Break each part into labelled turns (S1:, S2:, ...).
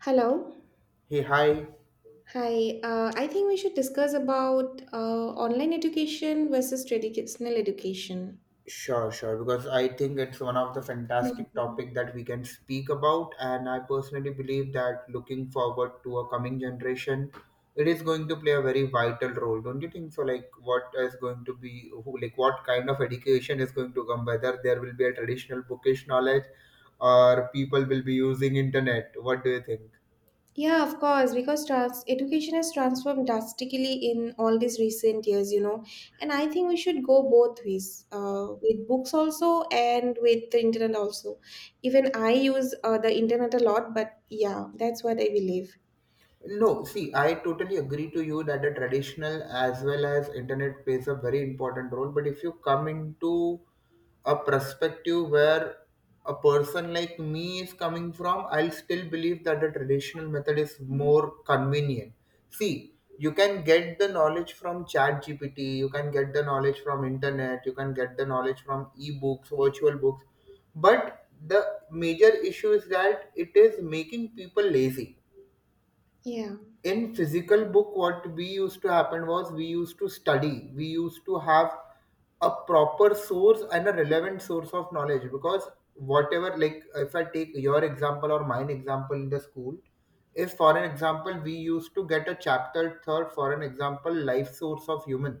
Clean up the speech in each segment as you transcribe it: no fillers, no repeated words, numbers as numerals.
S1: Hello.
S2: Hey, hi.
S1: Hi. I think we should discuss about online education versus traditional education.
S2: Sure, sure. Because I think it's one of the fantastic
S1: Mhm.
S2: topic that we can speak about, and I personally believe that looking forward to a coming generation, it is going to play a very vital role. Don't you think so? Like, what is going to be, who, like, what kind of education is going to come? Whether there will be a traditional bookish knowledge, or people will be using internet. What do you think?
S1: Yeah, of course, because education has transformed drastically in all these recent years, you know. And I think we should go both ways, with books also and with the internet also. Even I use the internet a lot, but yeah, that's what I believe.
S2: No, see, I totally agree to you that the traditional as well as internet plays a very important role. But if you come into a perspective where a person like me is coming from, I'll still believe that the traditional method is more convenient. See, you can get the knowledge from chat GPT, you can get the knowledge from internet, you can get the knowledge from ebooks, virtual books. But the major issue is that it is making people lazy
S1: Yeah.
S2: in physical book. What we used to happen was, we used to study, we used to have a proper source and a relevant source of knowledge because whatever, like if I take your example or mine example in the school, if for an example we used to get a chapter third, for an example life source of human,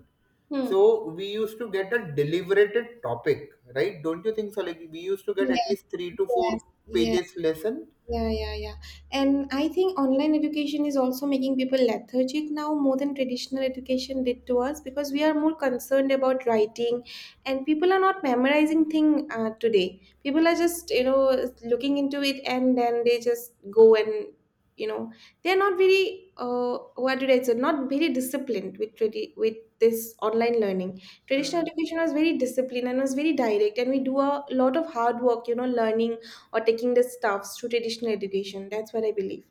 S1: Hmm.
S2: so we used to get a deliberated topic, right? Don't you think so? Like we used to get at
S1: Yeah,
S2: least three to
S1: yes.
S2: four
S1: Yeah.
S2: pages lesson.
S1: Yeah, yeah, yeah. And I think online education is also making people lethargic now more than traditional education did to us because we are more concerned about writing and people are not memorizing thing today. People are just, you know, looking into it and then they just go and, you know, they're not very, what did I say, not very disciplined with with this online learning. Traditional education was very disciplined and was very direct and we do a lot of hard work, you know, learning or taking the stuffs to traditional education. That's what I believe.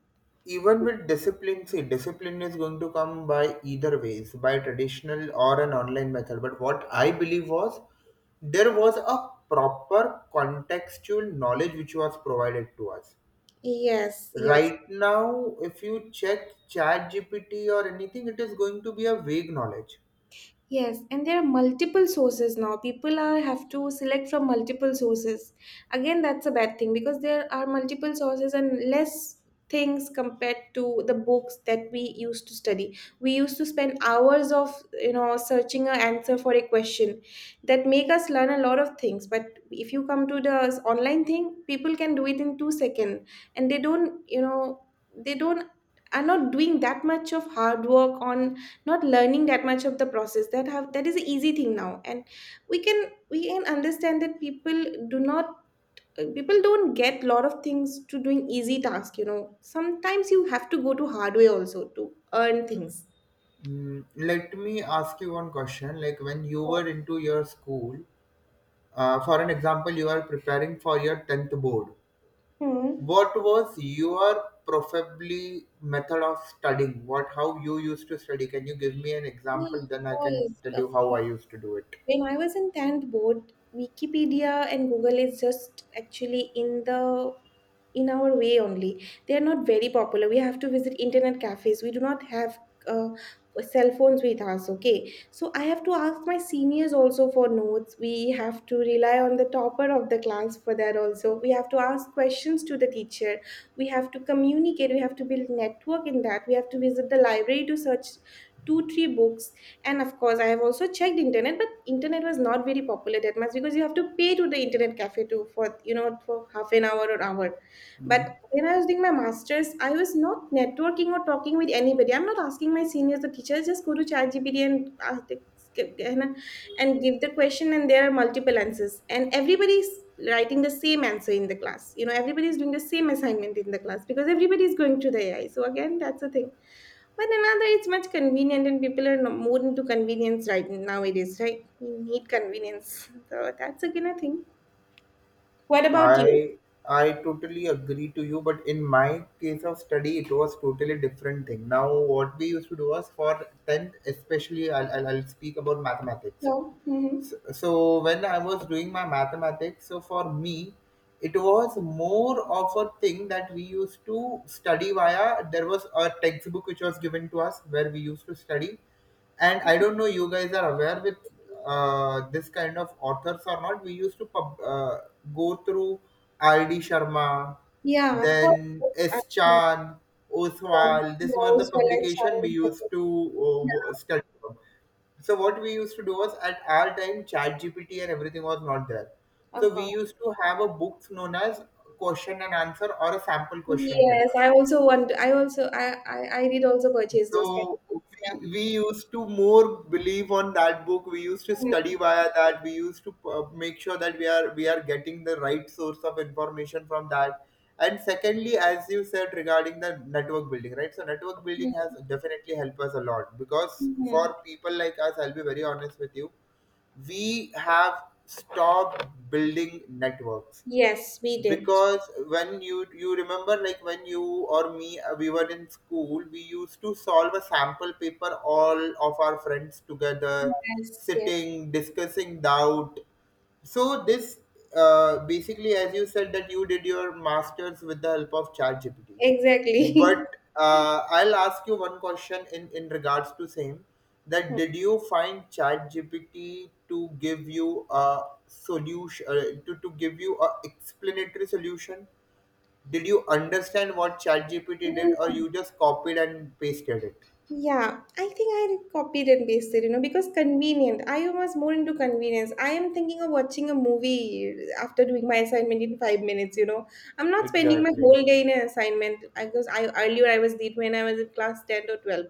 S2: Even with discipline, see, discipline is going to come by either ways, by traditional or an online method, but what I believe was there was a proper contextual knowledge which was provided to us.
S1: Yes, yes.
S2: Right now if you check chat gpt or anything, it is going to be a vague knowledge.
S1: Yes, and there are multiple sources now. People are have to select from multiple sources. Again, that's a bad thing because there are multiple sources and less things compared to the books that we used to study. We used to spend hours of searching an answer for a question that make us learn a lot of things. But if you come to the online thing, people can do it in 2 seconds, and they don't they don't are not doing that much of hard work on not learning that much of the process that have that is an easy thing now and we can we can understand that people do not people don't get lot of things to doing easy task, you know, sometimes you have to go to hard way also to earn things.
S2: Mm, let me ask you one question, like when you were into your school, for an example you are preparing for your 10th board.
S1: Hmm.
S2: What was your probably method of studying? What, how you used to study? Can you give me an
S1: Yeah,
S2: example? Then
S1: of
S2: I can
S1: course,
S2: tell
S1: of
S2: you how
S1: course.
S2: I used to do it.
S1: When I was in 10th board, Wikipedia and Google is just actually in the in our way only. They are not very popular. We have to visit internet cafes. We do not have uh, cell phones with us. Okay, so I have to ask my seniors also for notes. We have to rely on the topper of the class for that also. We have to ask questions to the teacher. We have to communicate. We have to build network in that. We have to visit the library to search 2 3 books, and of course I have also checked internet, but internet was not very popular that much because you have to pay to the internet cafe to for for half an hour or hour. But
S2: Mhm.
S1: when I was doing my masters, I was not networking or talking with anybody. I'm not asking my seniors or teachers, just go to ChatGPT and and and give the question, and there are multiple answers and everybody is writing the same answer in the class, you know, everybody is doing the same assignment in the class because everybody is going to the AI, so again that's the thing. But another, it's much convenient, and people are more into convenience right nowadays, right? We need convenience, so that's again a thing. What about you?
S2: I I totally agree to you, but in my case of study, it was totally different thing. Now, what we used to do was for tenth, especially I'll speak about mathematics.
S1: No. Hmm.
S2: So when I was doing my mathematics, so for me it was more of a thing that we used to study via, there was a textbook which was given to us where we used to study. And I don't know you guys are aware with this kind of authors or not. We used to go through RD Sharma,
S1: Yeah, of course.
S2: then
S1: I
S2: S Chan, Oswald. These were
S1: know
S2: the
S1: as well as
S2: publication we used
S1: child.
S2: to
S1: Yeah,
S2: study. So what we used to do was, at our time, chat gpt and everything was not there,
S1: of
S2: so we
S1: course.
S2: used to have a book known as question and answer, or a sample question
S1: Yes,
S2: paper.
S1: I also want. I did also purchase those kind
S2: So
S1: of books. Yeah.
S2: we used to more believe on that book. We used to study via that. We used to make sure that we are getting the right source of information from that. And secondly, as you said regarding the network building, right? So network building has
S1: Mhm.
S2: definitely helped us a lot because
S1: Mhm.
S2: for people like us, I'll be very honest with you, we have stopped building networks
S1: Yes, we did.
S2: because when you remember, like when you or me we were in school, we used to solve a sample paper, all of our friends together,
S1: Yes, yes,
S2: sitting, discussing doubt. So this basically, as you said that you did your masters with the help of ChatGPT.
S1: exactly.
S2: But I'll ask you one question in regards to same, that did you find ChatGPT to give you a solution, to give you a explanatory solution? Did you understand what ChatGPT did or
S1: Mhm.
S2: you just copied and pasted it?
S1: Yeah, I think I copied and pasted, you know, because convenient. I was more into convenience. I am thinking of watching a movie after doing my assignment in 5 minutes, you know. I'm not spending my
S2: Exactly.
S1: whole day in an assignment because I earlier I was late when I was in class 10 or 12.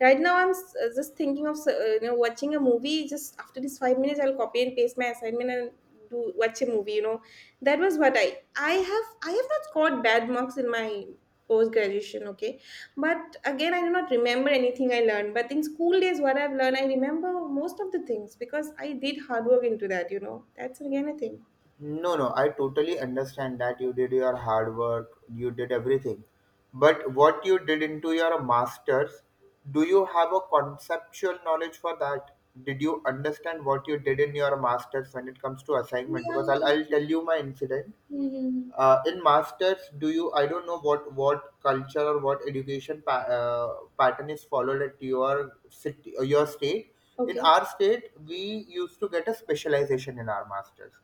S1: Right now, I'm just thinking of, you know, watching a movie. Just after this 5 minutes, I'll copy and paste my assignment and do watch a movie, you know. That was what I have not scored bad marks in my post graduation, okay, but again, I do not remember anything I learned. But in school days, what I've learned, I remember most of the things because I did hard work into that, you know. That's again a thing.
S2: No, no, I totally understand that you did your hard work, you did everything. But what you did into your master's, do you have a conceptual knowledge for that? Did you understand what you did in your master's when it comes to
S1: Yeah,
S2: assignment? Because I'll
S1: yeah.
S2: tell you my incident.
S1: Mhm.
S2: In masters, do you, I don't know what culture or what education pattern is followed at your city or your state. In
S1: Okay.
S2: our state, we used to get a specialization in our masters.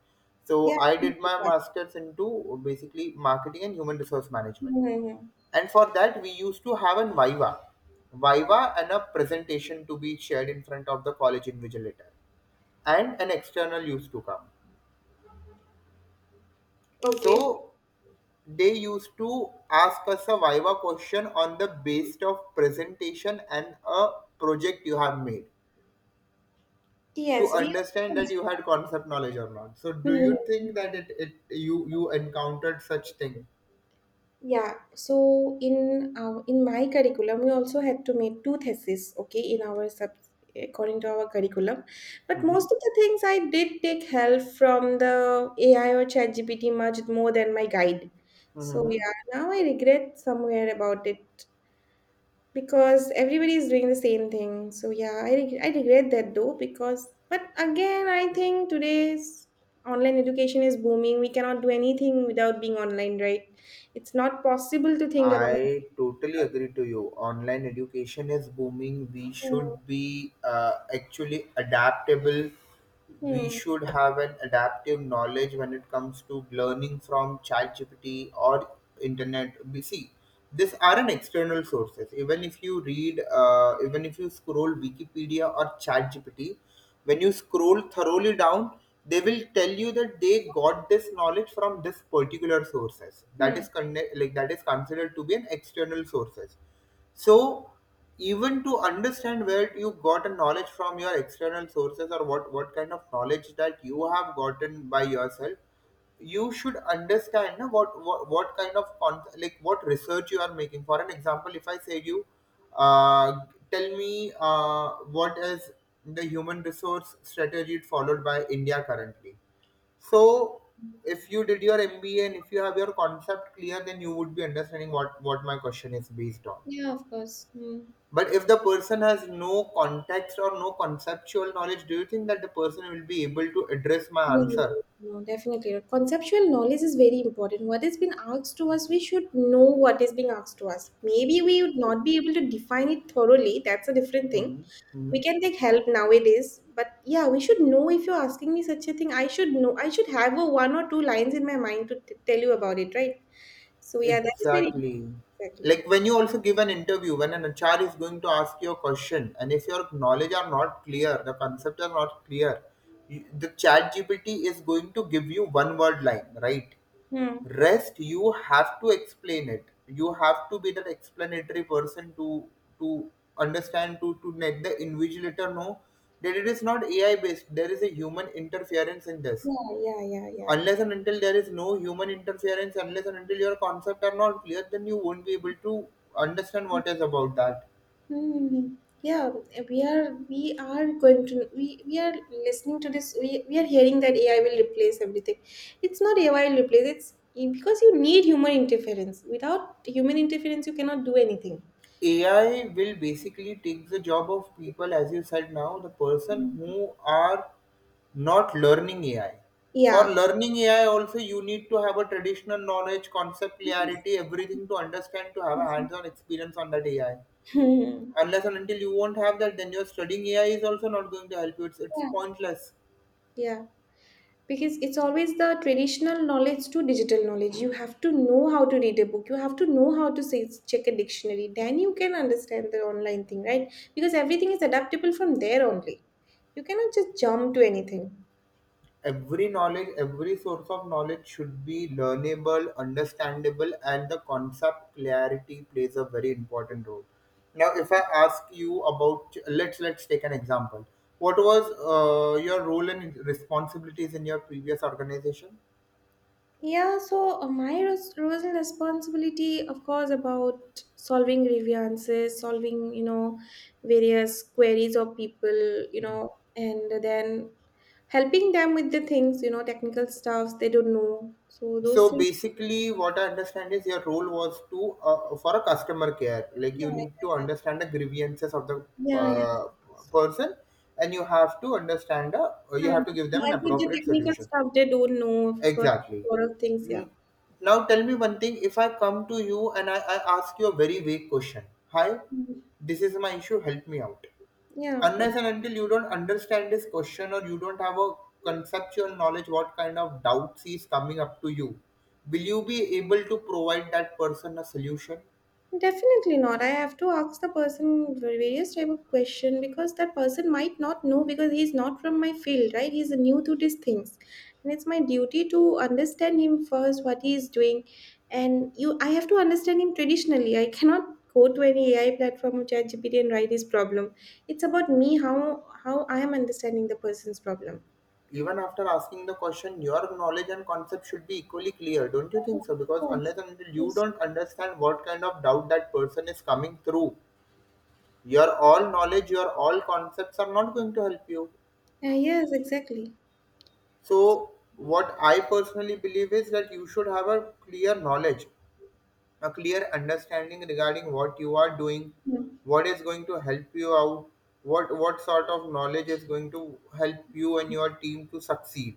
S2: So
S1: Yeah.
S2: I did my masters into basically marketing and human resource management,
S1: Mhm.
S2: and for that we used to have an viva. Viva and a presentation to be shared in front of the college invigilator, and an external used to come.
S1: Okay.
S2: So they used to ask a survivor question on the based of presentation and a project you have made, to
S1: Yes, we.
S2: understand that you had concept knowledge or not. So do you
S1: Mhm.
S2: think that it you you encountered such thing?
S1: Yeah, so in our, in my curriculum, we also had to make two theses, okay, in our sub according to our curriculum. But
S2: Mm-hmm.
S1: most of the things I did take help from the AI or ChatGPT much more than my guide. So
S2: Mm-hmm.
S1: yeah, now I regret somewhere about it because everybody is doing the same thing. So yeah, I regret that though because but again, I think today's online education is booming. We cannot do anything without being online, right? It's not possible to think about.
S2: I totally agree to you. Online education is booming. We
S1: Hmm.
S2: should be actually adaptable. We
S1: Hmm.
S2: should have an adaptive knowledge when it comes to learning from ChatGPT or internet. We see these are an external sources. Even if you read, even if you scroll Wikipedia or ChatGPT, when you scroll thoroughly down, they will tell you that they got this knowledge from this particular sources. That
S1: Hmm.
S2: is conne- like that is considered to be an external sources. So even to understand where you got a knowledge from your external sources, or what kind of knowledge that you have gotten by yourself, you should understand na, what kind of con- like what research you are making. For an example, if I say you, uh, tell me what is the human resource strategy followed by india currently. So if you did your MBA and if you have your concept clear, then you would be understanding what my question is based on.
S1: Yeah, of course. Hmm.
S2: But if the person has no context or no conceptual knowledge, do you think that the person will be able to address my
S1: No, no,
S2: answer?
S1: no, no, definitely. Conceptual knowledge is very important. What is being asked to us, we should know what is being asked to us. Maybe we would not be able to define it thoroughly. That's a different thing.
S2: Mhm.
S1: We
S2: Mhm.
S1: can take help nowadays, but yeah, we should know if you're asking me such a thing, I should know, I should have a one or two lines in my mind to tell you about it, right? So yeah, that's very
S2: Exactly.
S1: exactly.
S2: Like when you also give an interview, when an HR is going to ask you a question, and if your knowledge are not clear, the concepts are not clear, you, the chat GPT is going to give you one word line, right?
S1: Hmm.
S2: Rest, you have to explain it. You have to be that explanatory person to understand, to let the invigilator know that it is not AI based. There is a human interference in this,
S1: Yeah, yeah, yeah, yeah, yeah.
S2: unless and until there is no human interference, unless and until your concepts are not clear, then you won't be able to understand what is about that.
S1: Hmm. Yeah, we are, we are going to, we are listening to this, we are hearing that AI will replace everything. It's not AI will replace, it's because you need human interference, without human interference you cannot do anything.
S2: AI will basically take the job of people, as you said now, the person
S1: Mm.
S2: who are not learning AI. For
S1: Yeah.
S2: learning AI, also you need to have a traditional knowledge, concept
S1: Yes.
S2: clarity, everything to understand, to have a hands-on experience on that AI.
S1: Hmm.
S2: Unless and until you won't have that, then your studying AI is also not going to help you. It's
S1: Yeah.
S2: pointless.
S1: Yeah. Because it's always the traditional knowledge to digital knowledge. You have to know how to read a book. You have to know how to say, check a dictionary. Then you can understand the online thing, right? Because everything is adaptable from there only. You cannot just jump to anything.
S2: Every knowledge, every source of knowledge should be learnable, understandable, and the concept clarity plays a very important role. Now if I ask you about, let's take an example. What was your role and responsibilities in your previous organization?
S1: Yeah, so my roles and responsibility, of course, about solving grievances, solving, you know, various queries of people, you know, and then helping them with the things, you know, technical stuffs they don't know. So
S2: So
S1: those things,
S2: basically what I understand is, your role was to for a customer care, like
S1: yeah,
S2: you need to
S1: yeah,
S2: understand the grievances of the
S1: yeah. Yeah, yeah.
S2: uh, person, and you have to understand,
S1: Hmm.
S2: you have to give them an
S1: Help with the
S2: appropriate
S1: technical
S2: solution.
S1: stuff they don't know because
S2: Exactly.
S1: a lot of things, yeah.
S2: N- Now tell me one thing. If I come to you and I ask you a very vague question, hi,
S1: Hmm.
S2: this is my issue, help me out.
S1: Yeah, of course.
S2: Unless and until you don't understand this question, or you don't have a conceptual knowledge what kind of doubts is coming up to you, will you be able to provide that person a solution?
S1: Definitely not. I have to ask the person various type of question because that person might not know because he's not from my field, right? He's new to these things, and it's my duty to understand him first what he is doing, and you. I have to understand him traditionally. I cannot go to any AI platform or ChatGPT and write his problem. It's about me how I am understanding the person's problem.
S2: Even after asking the question, your knowledge and concept should be equally clear, don't you think so? Because
S1: Yes.
S2: unless and until you
S1: Yes.
S2: don't understand what kind of doubt that person is coming through, your all knowledge, your all concepts are not going to help you.
S1: Yes, exactly.
S2: So what I personally believe is that you should have a clear knowledge, a clear understanding regarding what you are doing,
S1: Yeah.
S2: what is going to help you out, what sort of knowledge is going to help you and your team to succeed.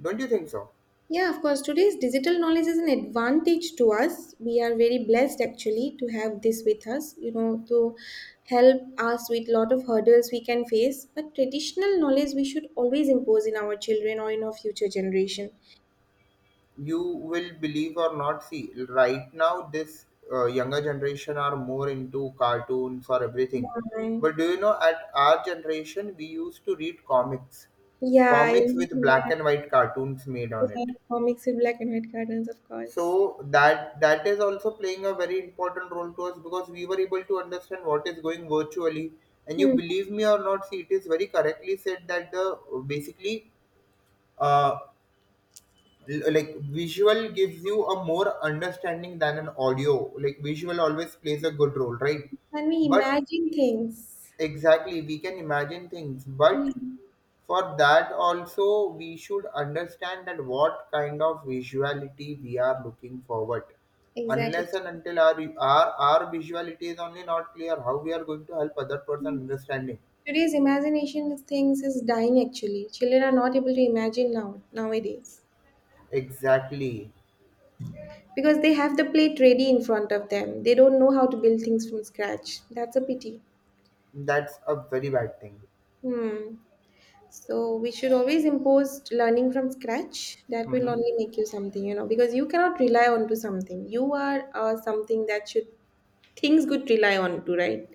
S2: Don't you think so?
S1: Yeah, of course. Today's digital knowledge is an advantage to us. We are very blessed actually to have this with us, you know, to help us with lot of hurdles we can face. But traditional knowledge we should always impose in our children or in our future generation.
S2: You will believe or not, see, right now this younger generation are more into cartoons or everything,
S1: Yeah,
S2: but do you know at our generation we used to read comics,
S1: yeah, I,
S2: comics with black
S1: yeah
S2: and white cartoons made
S1: of
S2: on
S1: I
S2: it.
S1: have comics with black and white cartoons, of course.
S2: So that is also playing a very important role to us, because we were able to understand what is going virtually. And you
S1: Hmm.
S2: believe me or not, see, it is very correctly said that the basically uh, like visual gives you a more understanding than an audio, like visual always plays a good role, right?
S1: And we
S2: But
S1: imagine things.
S2: exactly, we can imagine things,
S1: Yeah,
S2: but for that also we should understand that what kind of visuality we are looking forward.
S1: exactly.
S2: Unless and until our our visuality is only not clear, how we are going to help other person understanding.
S1: Today's imagination of things is dying actually. Children are not able to imagine now nowadays
S2: Exactly.
S1: because they have the plate ready in front of them. They don't know how to build things from scratch. That's a pity.
S2: That's a very bad thing.
S1: Hmm. So we should always impose learning from scratch. That will
S2: Hmm.
S1: only make you something, you know, because you cannot rely on to something. You are something that should things could rely on to, right?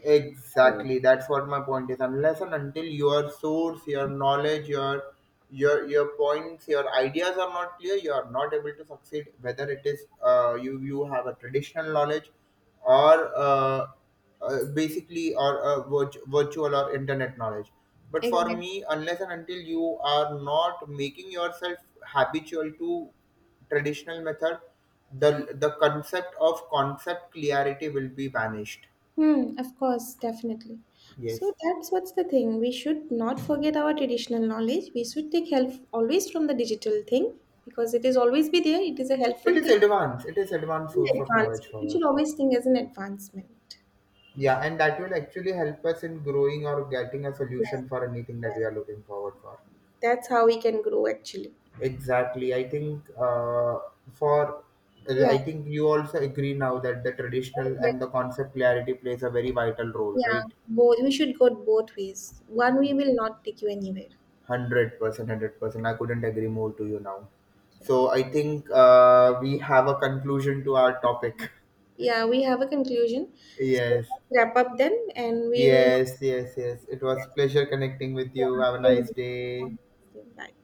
S1: Hmm.
S2: Exactly. That's what my point is. Unless and until your source, your knowledge, your your points, your ideas are not clear, you are not able to succeed. Whether it is you you have a traditional knowledge, or basically, or virt- virtual or internet knowledge. But for
S1: Exactly.
S2: me, unless and until you are not making yourself habitual to traditional method, the concept of concept clarity will be vanished.
S1: Hmm, of course, definitely.
S2: Yes.
S1: So that's what's the thing. We should not forget our traditional knowledge. We should take help always from the digital thing because it is always be there. It is a
S2: It
S1: helpful
S2: is
S1: thing.
S2: advanced. It is advanced
S1: An
S2: source of knowledge
S1: advancement. We
S2: for
S1: should
S2: us.
S1: always think as an advancement.
S2: Yeah, and that will actually help us in growing or getting a
S1: Yes,
S2: solution for anything that we
S1: yes.
S2: are looking forward for.
S1: That's how we can grow actually.
S2: Exactly. I think for
S1: Yeah,
S2: I think you also agree now that the traditional
S1: exactly.
S2: and the concept clarity plays a very vital role, right?
S1: Yeah. Both we should go both ways. One way will not take you anywhere.
S2: 100%, 100%. I couldn't agree more to you now. So I think we have a conclusion to our topic.
S1: Yeah, we have a conclusion. So
S2: Yes.
S1: let's wrap up then and we'll
S2: Yes, yes, yes. It was pleasure connecting with you.
S1: yeah,
S2: Have a
S1: same,
S2: nice day.
S1: same, like